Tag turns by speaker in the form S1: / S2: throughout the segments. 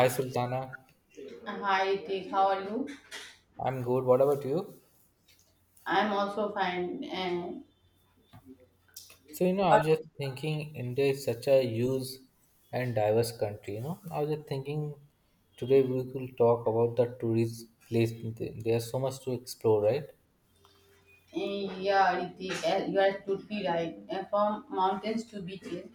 S1: Hi Sultana,
S2: Hi, Ritik. How are you?
S1: I'm good. What about you?
S2: I'm also fine. And,
S1: So, you know, I was just thinking India is such a huge and diverse country, you know. I was just thinking today we could talk about the tourist place. There's so much to explore, right?
S2: eh, yeah, Ritik, you are totally right. From mountains to beaches,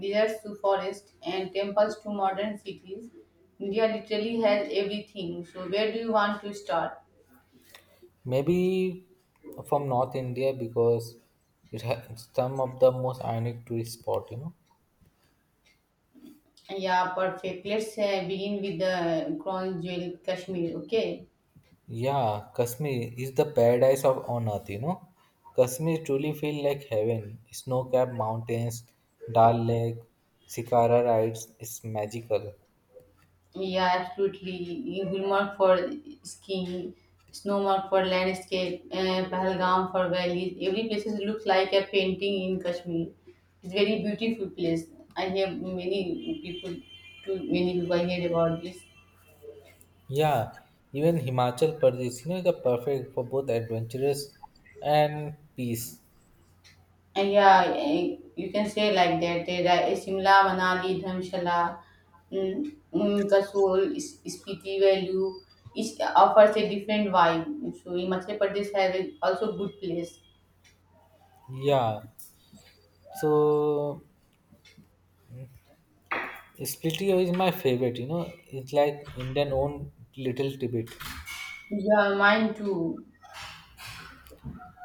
S2: deserts to forests, and temples to modern cities, India literally has everything. So, where do you want to start?
S1: Maybe from North India because it has some of the most iconic tourist spot, you know.
S2: Yeah, perfect. Let's begin with the crown jewel, Kashmir. Okay.
S1: Yeah, Kashmir is the paradise of on earth, you know. Kashmir truly feels like heaven. Snow-capped mountains, Dal Lake, Shikara rides, it's magical.
S2: Yeah, absolutely. Gulmarg for skiing, Snowmark for landscape, Pahalgam for valleys. Every place looks like a painting in Kashmir. It's very beautiful place. I hear many people, too many people I hear about this.
S1: Yeah, even Himachal Pradesh, you know, is the perfect for both adventurous and peace.
S2: And yeah, you can say like that. There are Shimla, Manali, Dharamshala, Kasol, Spiti Valley. Each offers a different vibe. So Himachal Pradesh has also good place.
S1: Yeah, so Splitio is my favorite, you know. It's like Indian own little Tibet.
S2: Yeah, mine too.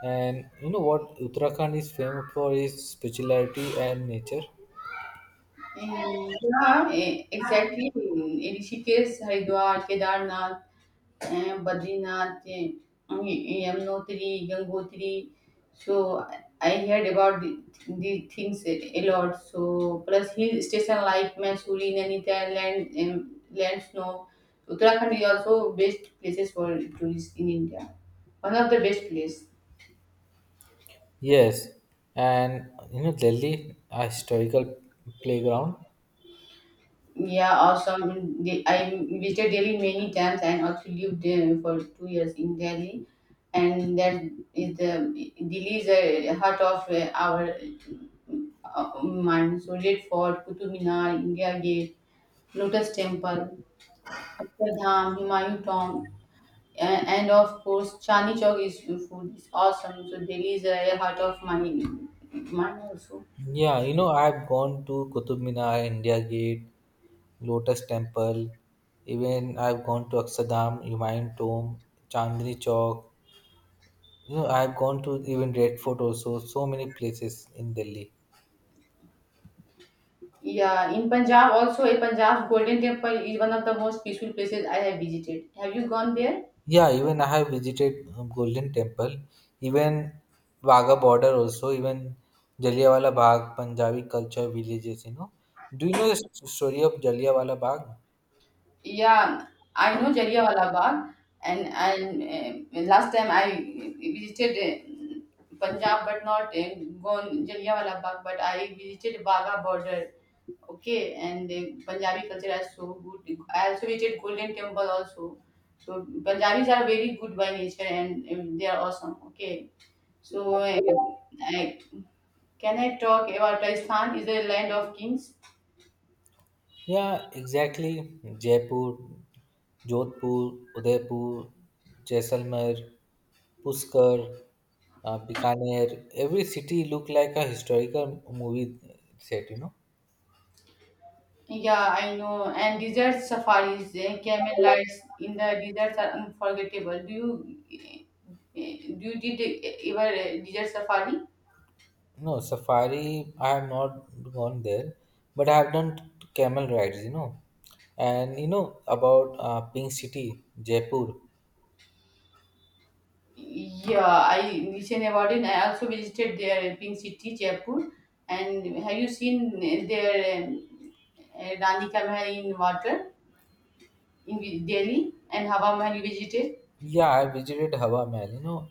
S1: And you know what Uttarakhand is famous for is spirituality and nature.
S2: Yeah, exactly. Rishikesh, Haridwar, Kedarnath, Badrinath, Yamunotri, Gangotri. So I heard about the things a lot. So plus hill station like Mansoori, Nainital, land snow. Uttarakhand is also best places for tourists in India. One of the best place.
S1: Yes, and you know Delhi, a historical playground.
S2: Yeah, awesome. I visited Delhi many times and also lived there for 2 years in Delhi, and that is the Delhi is the heart of our mind. So Red Fort, Qutub Minar, India Gate, Lotus Temple, Dham, Humayun Tomb, and of course Chandni Chowk is food is awesome. So Delhi is the heart of my mind also.
S1: Yeah, you know I've gone to Qutub Minar, India Gate, Lotus Temple. Even I've gone to Akshardham, Humayun Tomb, Chandni Chowk. You know I've gone to even Red Fort also. So many places in Delhi.
S2: Yeah, in Punjab also, a Punjab's Golden Temple is one of the most peaceful places I have visited. Have you gone there?
S1: Yeah, even I have visited Golden Temple, even Wagah border also, even Jallianwala Bagh, Punjabi culture villages, you know. Do you know the story of Jallianwala Bagh?
S2: Yeah, I know Jallianwala Bagh, and last time I visited Punjab, but not gone Jallianwala Bagh, but I visited Wagah border. Okay, and Punjabi culture is so good. I also visited Golden Temple also. So Punjabis are very good by nature, and they are awesome. Okay, so. I, Can I talk about Rajasthan is a land of kings?
S1: Yeah, exactly. Jaipur, Jodhpur, Udaipur, Jaisalmer, Pushkar, Bikaner, every city look like a historical movie set, you know.
S2: Yeah, I know. And desert safaris, camel rides in the deserts are unforgettable. Do you do you did ever a desert safari?
S1: No, safari, I have not gone there, but I have done camel rides, you know. And you know about Pink City, Jaipur.
S2: Yeah, I listened about it. I also visited their pink city, Jaipur. And have you seen their Rani Ka Mahal in water in Delhi and Hawa Mahal you visited?
S1: Yeah, I visited Hawa Mahal, you know.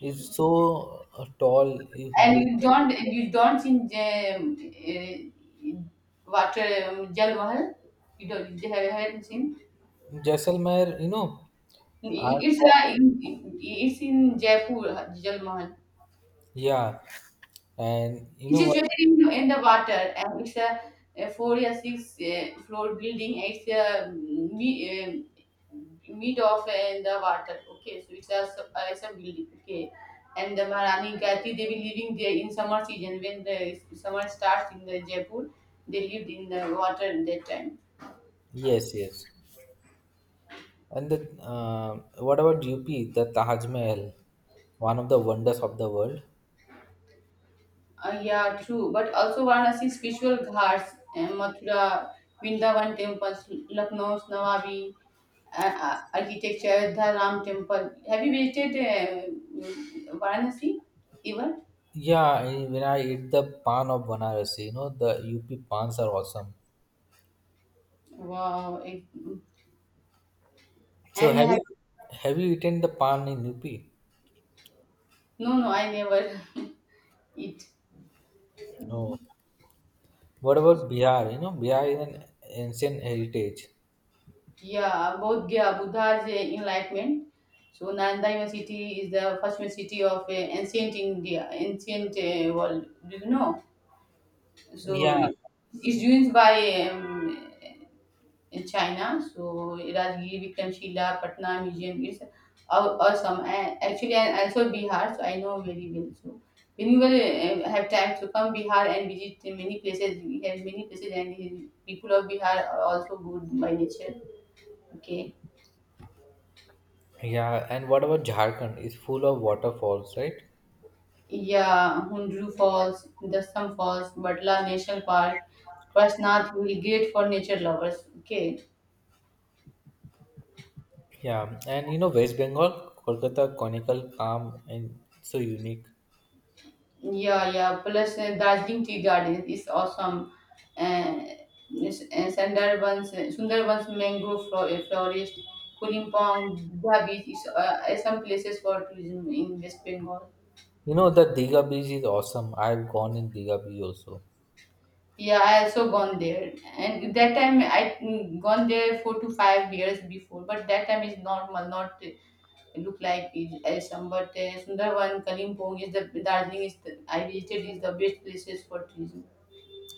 S1: It's so tall. If
S2: And
S1: you
S2: you don't seen uh, what Jal Mahal? You haven't seen?
S1: look Jaisalmer, you know, I've
S2: It's
S1: gone.
S2: uh, in, it's in Jaipur Jal Mahal.
S1: Yeah, and you
S2: It's
S1: know what?
S2: situated in the water, and it's a four or six floor building. Uh, mid of in the water. Okay, so it's a building. Okay, and the Maharani Gayatri they were living there in summer season when the summer starts in the Jaipur. They lived in the water in that time.
S1: Yes, yes. And the what about UP? The Taj Mahal, one of the wonders of the world.
S2: Yeah, true. But also Varanasi spiritual ghats, Mathura, Vrindavan temples, Lucknow's Nawabi and architecture Ayodhya Ram temple. Have you visited Varanasi even?
S1: Yeah, I- when I eat the pan of Banaras, you know the UP pans are awesome.
S2: Wow.
S1: So
S2: And
S1: have
S2: have,
S1: you have you eaten the pan in UP?
S2: no, no, I never. it
S1: No. What about Bihar? You know Bihar is an ancient heritage.
S2: Yeah, both, yeah, Buddha's enlightenment. So Nanda city is the first city of ancient India, ancient world. Do you know? So
S1: Yeah,
S2: it is used by in China. So Rajgir, Vikramshila, Patna museum is awesome. And actually, and also Bihar, so I know very well. So when you will have time to come Bihar and visit many places, we have many places, and people of Bihar are also good by nature. Okay.
S1: yeah. And what about Jharkhand? It's full of waterfalls, right?
S2: Yeah, Hundru Falls, Dastam Falls, Batla National Park, Parshnath Hill, great for nature lovers. Okay,
S1: Yeah, and you know West Bengal, Kolkata, conical, calm, and so unique.
S2: yeah, yeah. Plus, Darjeeling Tea Garden is awesome. Uh, Sundarbans mangrove forest, Kulimpong, Dha Beach is some places for tourism in West Bengal.
S1: You know the Diga beach is awesome. I've gone in Diga beach also.
S2: Yeah, I also gone there, and that time I gone there 4 to 5 years before. But that time is normal, not look like it as some. But Sundarban, Kalimpong is the Darjeeling is the I visited is the best places for tourism.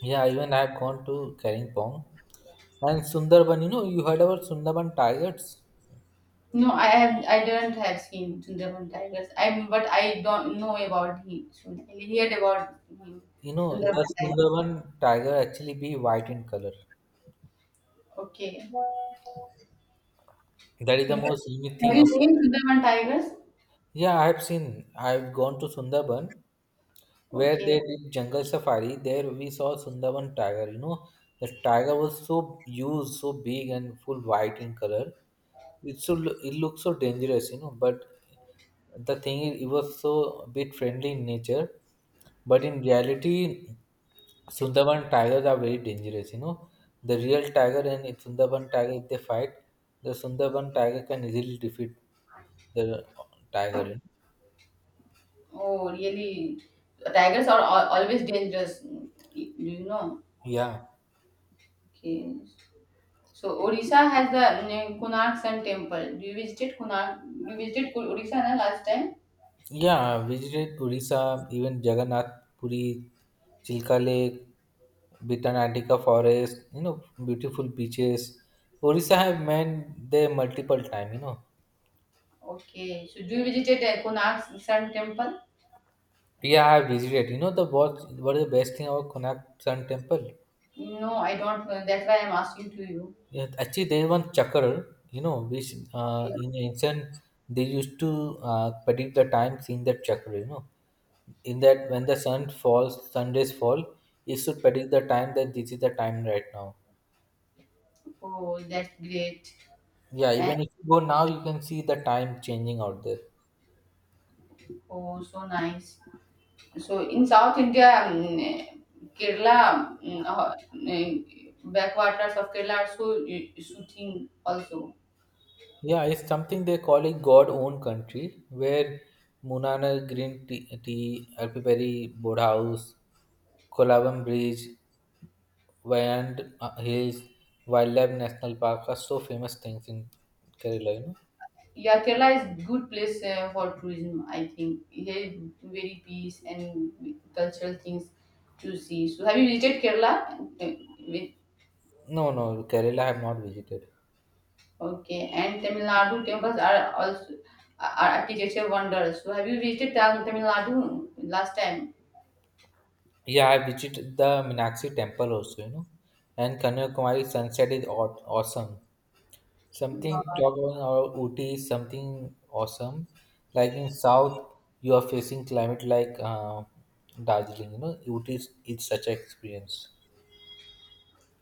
S1: Yeah, even I've gone to Karingpong. And Sundarban, you know, you heard about Sundarban tigers?
S2: No, I didn't have seen Sundarban tigers. I but I don't know about him. I heard about him.
S1: You know,
S2: Sundarban
S1: the
S2: tigers.
S1: Sundarban tiger actually be white in color.
S2: Okay.
S1: That is the
S2: You-
S1: most unique
S2: Have
S1: thing
S2: you
S1: about.
S2: seen Sundarban tigers?
S1: Yeah, I have seen. I've gone to Sundarban, where
S2: Okay.
S1: they did jungle safari there we saw sundarban tiger, you know, the tiger was so huge, so big and full white in color. It looked so dangerous, you know, but the thing is it was so a bit friendly in nature, but in reality sundarban tigers are very dangerous, you know, the real tiger. And if sundarban tiger if they fight, the sundarban tiger can easily defeat the tiger, you know?
S2: Oh, really? Tigers are always dangerous. Do you know?
S1: Yeah.
S2: Okay. So Odisha has the Konark Sun Temple. Do you visited Konark? You visited Odisha na last time?
S1: Yeah, I visited Purisa, even Jagannath Puri, Chilka Lake, Bitanatika Forest, you know, beautiful beaches. Orissa have been there multiple times, you know.
S2: Okay. So do you visited Konark Sun Temple?
S1: Yeah, I have visited. You know the what is the best thing about Konak Sun Temple?
S2: No, I don't know. That's why I'm asking to you.
S1: Yeah, actually there is one chakra, you know, which
S2: Okay.
S1: in ancient they used to predict the times in that chakra, you know. In that when the sun falls, sun rays fall, it should predict the time that this is the time right now.
S2: Oh, that's great.
S1: Yeah,
S2: And
S1: even if you go now, you can see the time changing out there.
S2: oh, so nice. So in South India, Kerala, backwaters of Kerala are so soothing also.
S1: Yeah, it's something they call it God owned country where Munana Green Tea, tea Alpipari Board House, Kolavam Bridge, Wayand Hills, Wildlife National Park are so famous things in Kerala, you know.
S2: Yeah, Kerala is good place for tourism. I think here is very peace and cultural things to see. So have you visited Kerala? Uh,
S1: No, no, Kerala I have not visited.
S2: Okay, and Tamil Nadu temples are architecture wonders. So have you visited Tamil Nadu last time?
S1: Yeah, I visited the Meenakshi temple also, you know. And Kanyakumari sunset is awesome. Something
S2: Wow.
S1: talk about our Ooty is something awesome. Like in South, you are facing climate like Darjeeling. You know, Ooty is it's such an experience.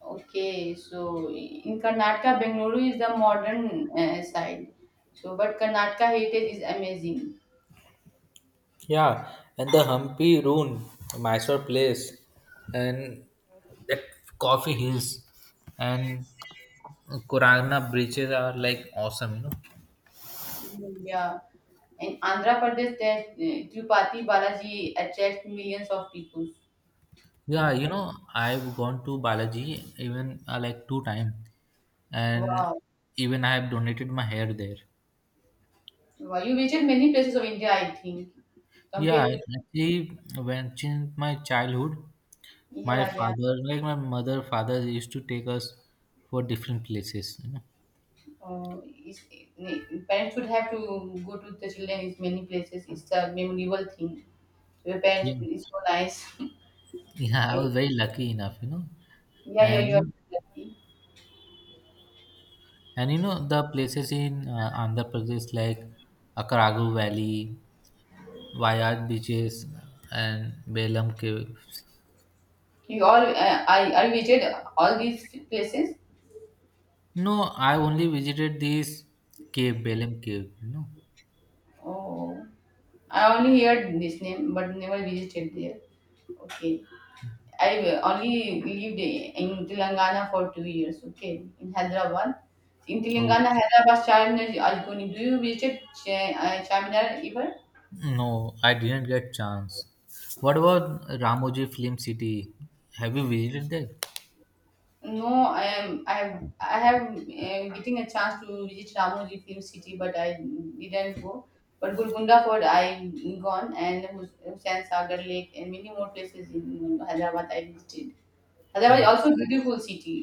S2: Okay, so in Karnataka, Bengaluru is the modern side. So, but Karnataka heritage is amazing.
S1: Yeah, and the Hampi Rune, Mysore place, and that coffee hills and Kurana bridges are like awesome. You know.
S2: Yeah, and Andhra Pradesh, Tirupati Balaji attracts millions of people.
S1: Yeah, you know, I've gone to Balaji even like two times, and
S2: Wow,
S1: even I have donated my hair there.
S2: wow, you visited many places of India, I think,
S1: Yeah, I
S2: compared to.
S1: actually, when since my childhood, my
S2: Yeah, yeah.
S1: father, like my mother, father used to take us for different places, you know.
S2: Uh, is, Parents would have to go to the children in many places. It's a memorable thing. So your parents
S1: Yeah,
S2: is so nice.
S1: yeah, I
S2: Okay.
S1: was very lucky enough, you know.
S2: Yeah, yeah, you are
S1: And
S2: lucky.
S1: and you know the places in Andhra Pradesh like Akaragu Valley, Wayad beaches, and Belam Cave.
S2: You all I visited all these places.
S1: No, I only visited this cave, Belam Cave, you know.
S2: Oh, I only heard this name, but never visited there. Okay. I only lived in Telangana for 2 years. Okay, in Hyderabad. In
S1: Oh,
S2: Telangana, Hyderabad, Charminar, Algoni. Do you visit Charminar ever?
S1: no, I didn't get chance. What about Ramoji Film City? Have you visited there?
S2: No, I am. I have. I have getting a chance to visit Ramoji Film City, but I didn't go. But Golconda Fort, I gone, and Hussain Sagar Lake, and many more places in Hyderabad I visited. Hyderabad is
S1: Uh,
S2: also a beautiful city.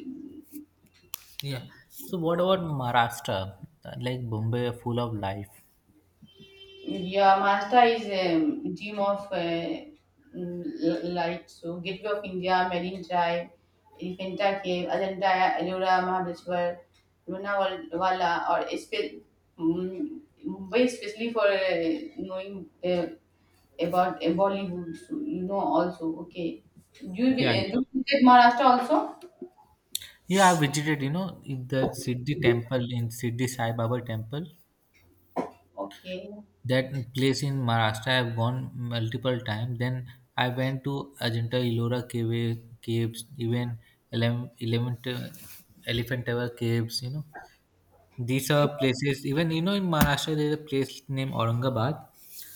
S1: yeah. So what about Maharashtra? Like Bombay, full of life.
S2: Yeah, Maharashtra is a dream of light. So, Gateway of India, Marine Drive, Elephanta Cave, Ajanta, Ellora, Mahabaleshwar, Lonavala, or mm, Mumbai, especially for knowing about Bollywood. So, you know also. Okay. Do you,
S1: Yeah,
S2: vi- uh,
S1: yeah.
S2: do you visit Maharashtra also?
S1: Yeah, I visited. You know, in the Siddhi Temple in Siddhi Sai Baba Temple.
S2: Okay.
S1: That place in Maharashtra, I've gone multiple times. Then I went to Ajanta Ellora caves, even eleven Elephant Tower caves. You know. These are places, even you know, in Maharashtra, there's a place named Aurangabad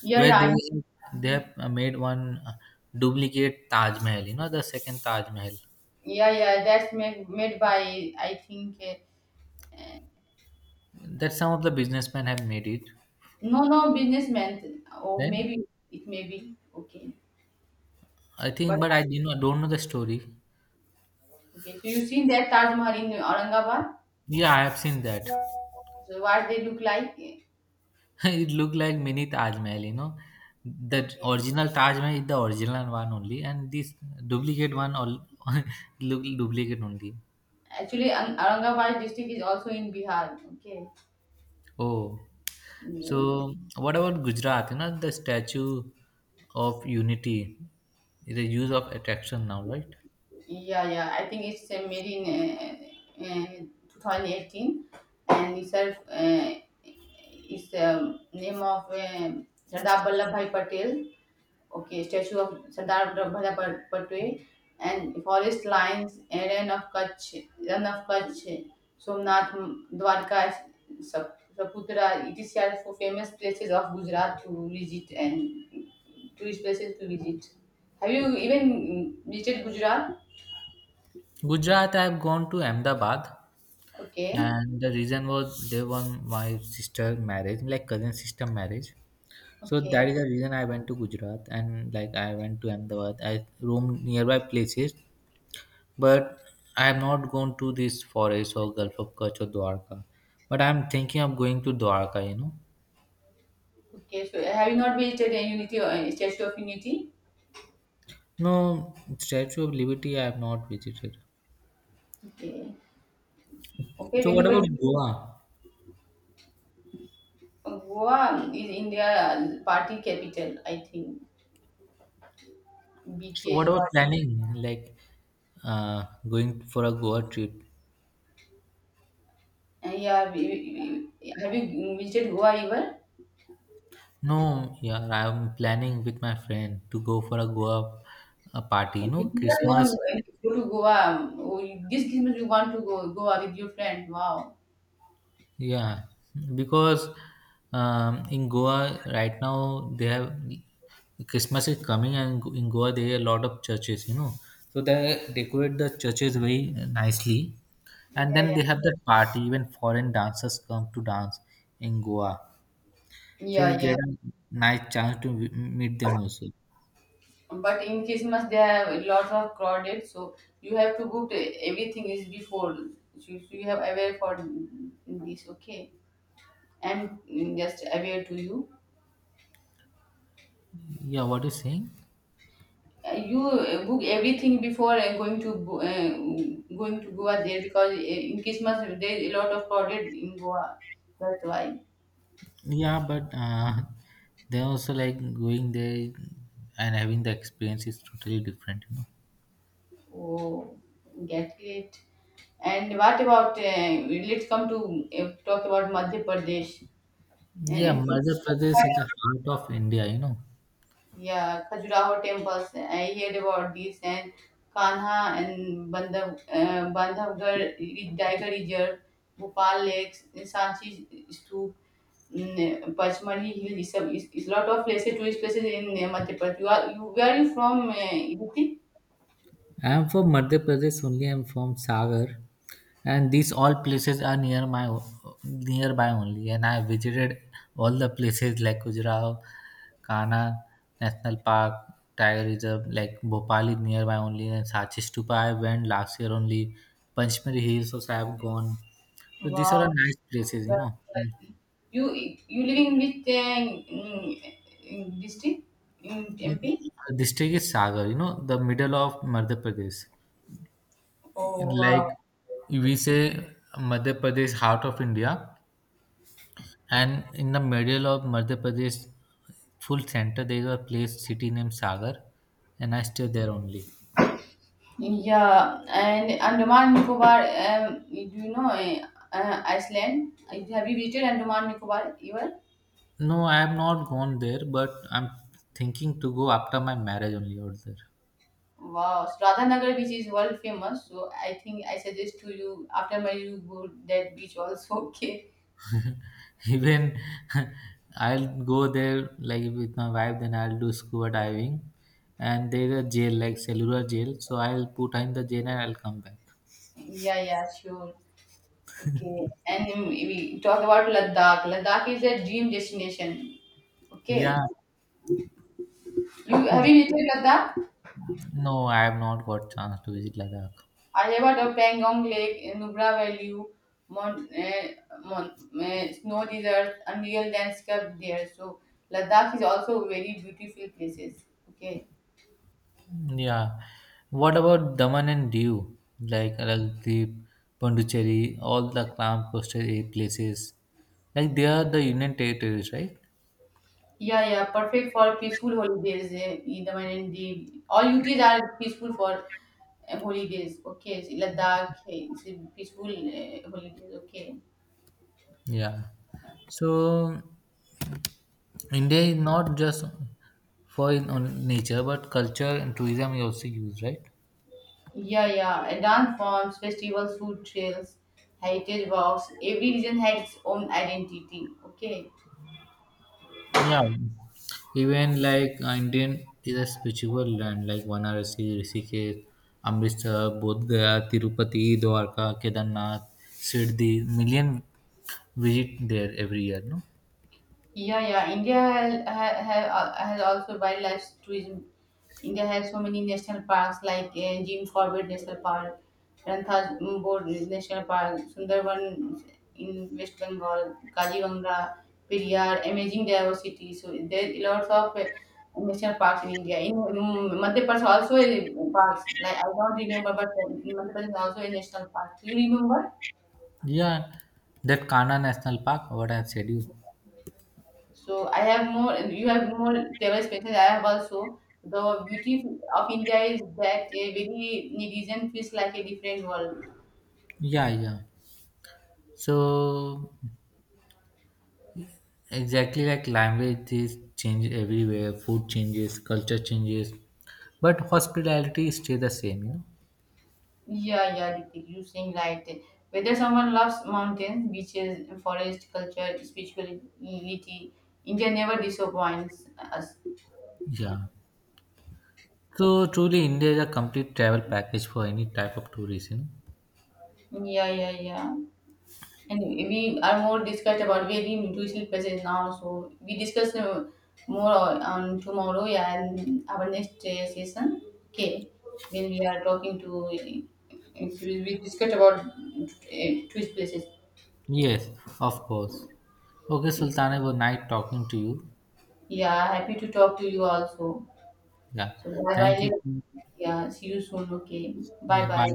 S2: Yeah,
S1: where
S2: yeah.
S1: they they have made one duplicate Taj Mahal. You know, the second Taj Mahal.
S2: Yeah, yeah. That's made by, I think.
S1: That some of the businessmen have made it.
S2: No, no, businessman, or
S1: Then
S2: maybe it may be okay.
S1: I think,
S2: But
S1: but I you know don't know the story.
S2: okay, so you've seen that Taj Mahal in Aurangabad.
S1: Yeah, I have seen that.
S2: So what they look like?
S1: It looked like mini Taj Mahal. You know, the
S2: Okay,
S1: original Taj Mahal is the original one only, and this duplicate one all look duplicate only.
S2: actually, Aurangabad district is also in Bihar. Okay,
S1: Oh, so what about Gujarat? You know, the Statue of Unity is a use of attraction now, right?
S2: yeah, yeah. I think it's made in uh, uh, 2018, and it's name of Sardar Vallabhbhai Patel. Okay, statue of Sardar Vallabhbhai Patwe and forest lines, Aaron of Kutch, Run of Kutch, Somnath, Dwarka, Saputra. These are four famous places of Gujarat to visit and tourist places to visit. Have you even visited Gujarat?
S1: Gujarat, I have gone to Ahmedabad,
S2: Okay,
S1: and the reason was they won my sister marriage, like cousin sister marriage. So that is
S2: okay,
S1: the reason I went to Gujarat, and like I went to Ahmedabad. I roamed nearby places, but I have not gone to this forest or Gulf of Kutch or Dwarka. But I am thinking of going to Dwarka. You know.
S2: okay. So have you not visited a Unity or a Statue of Unity?
S1: No, Statue of Liberty I have not visited.
S2: Okay, okay.
S1: So what
S2: Whenever
S1: about Goa?
S2: Goa is India party capital, I think.
S1: So what
S2: Beaches,
S1: about
S2: what?
S1: planning? Like going for a Goa trip?
S2: Yeah, have you visited Goa ever?
S1: No, yeah, I'm planning with my friend to go for a Goa party. You know,
S2: You never
S1: Christmas.
S2: go to Goa. Oh, This Christmas you want to go Goa with your friend. Wow.
S1: Yeah, because in Goa right now they have Christmas is coming, and in Goa there are a lot of churches. You know, so they decorate the churches very nicely, and
S2: Yeah,
S1: then
S2: yeah.
S1: they have that party, even foreign dancers come to dance in goa, so we
S2: Yeah,
S1: get
S2: yeah.
S1: a nice chance to meet them also.
S2: But in Christmas they have lots of crowded, so you have to book everything is before. So you have aware for this, okay? I'm just aware to you.
S1: Yeah, what you saying?
S2: You book everything before going to Goa there because in Christmas there is a lot of crowded in Goa. That's why.
S1: Yeah, but they also like going there, and having the experience is totally different you
S2: Oh, get it. And what about? Let's come to talk about Madhya Pradesh.
S1: know. Yeah,
S2: MP,
S1: madhya pradesh is the heart of india, you know.
S2: yeah, Khajuraho temples. I heard about this and Kanha and Bandhavgarh Tiger Reserve, Bhopal Lakes, Sanchi Stoop. Pachmali Hill is lot of places, tourist places in Madhya Pradesh. You are you Where are you from? Yupi?
S1: I'm from Madhya Pradesh only. I'm from Sagar, and these all places are near my nearby only. And I visited all the places like Khajuraho, Kana National Park, Tiger Reserve, like Bhopal is nearby only, and Sachi Stupa I went last year only. Panchmari Hills also I have gone. So these are
S2: Wow.
S1: nice places, you
S2: But
S1: know.
S2: You you living in which in district in
S1: The
S2: MP?
S1: district is Sagar, you know, the middle of Madhya Pradesh.
S2: Oh wow.
S1: Like we say, Madhya Pradesh heart of India. And in the middle of Madhya Pradesh, full center, there is a place, city named Sagar, and I stay there only.
S2: Yeah, and Andaman Nicobar. Do you know Iceland? Have you visited Andaman Nicobar ever?
S1: No, I have not gone there, but I'm thinking to go after my marriage only out there.
S2: Wow, so Radhanagar beach is world famous. So I think I suggest to you after my you go that beach also. Okay.
S1: Even I'll go there like with my wife, then I'll do scuba diving. And there is a jail, like cellular jail, so I'll put her in the jail and I'll come back.
S2: Yeah, yeah, sure. Okay. And we talk about Ladakh. Ladakh is a dream destination. Okay.
S1: Yeah,
S2: You have you visited Ladakh?
S1: no, I have not got chance to visit Ladakh.
S2: I have heard of Pangong Lake, Nubra Valley, Mount, eh, Mount snow desert, unreal landscape there. So Ladakh is also very beautiful places. Okay.
S1: Yeah. What about Daman and Diu? Like Lakdweep, Pondicherry, all the clam coastal places. Like they are the Union territories, right?
S2: Yeah, yeah, perfect for peaceful holidays. Eh, in the And the all UTs are peaceful for holidays. Okay, so it's a peaceful holidays. Okay.
S1: Yeah. So India is not just for on nature, but culture and tourism is also used, right?
S2: Yeah, yeah. And dance forms, festivals, food trails, heritage walks. Every region had its own identity. Okay.
S1: Yeah, even like Indian is a spiritual land like Varanasi, Rishikesh, Amritsar, Bodh Gaya, Tirupati, Dwarka, Kedarnath, Sirdhi. Million visit there every year, no?
S2: Yeah, yeah. India has also wildlife tourism. India has so many national parks like Jim Corbett National Park, Ranthambore National Park, Sundarban in West Bengal, Kaziranga, Periyar, amazing diversity. So there are lots of national parks in India. In Madhya Pradesh also a parks. Like I don't remember, but in Madhya Pradesh also a national park. Do you remember?
S1: Yeah, that Kana National Park. What I said you.
S2: So I have more, you have more travel experiences. I have also. The beauty of India is that every region feels like a different world.
S1: Yeah, yeah. So exactly like language is change everywhere, food changes, culture changes, but hospitality stay the same, you know.
S2: Yeah, yeah, Ritik, you saying right. Whether someone loves mountains, beaches, forest, culture, spirituality, India never disappoints us.
S1: Yeah. So truly, India is a complete travel package for any type of tourism.
S2: Yeah, yeah, yeah. And we are more discussed about very are in present now, so we discuss more on tomorrow, yeah, and our next session. Okay, when we are talking to, so we discuss about twist places.
S1: Yes, of course. Okay, Sultana, it was nice talking to you.
S2: Yeah, happy to talk to you also.
S1: Yeah,
S2: So bye
S1: thank
S2: bye.
S1: you.
S2: Yeah, see you soon. Okay,
S1: Yeah,
S2: bye
S1: bye.
S2: bye.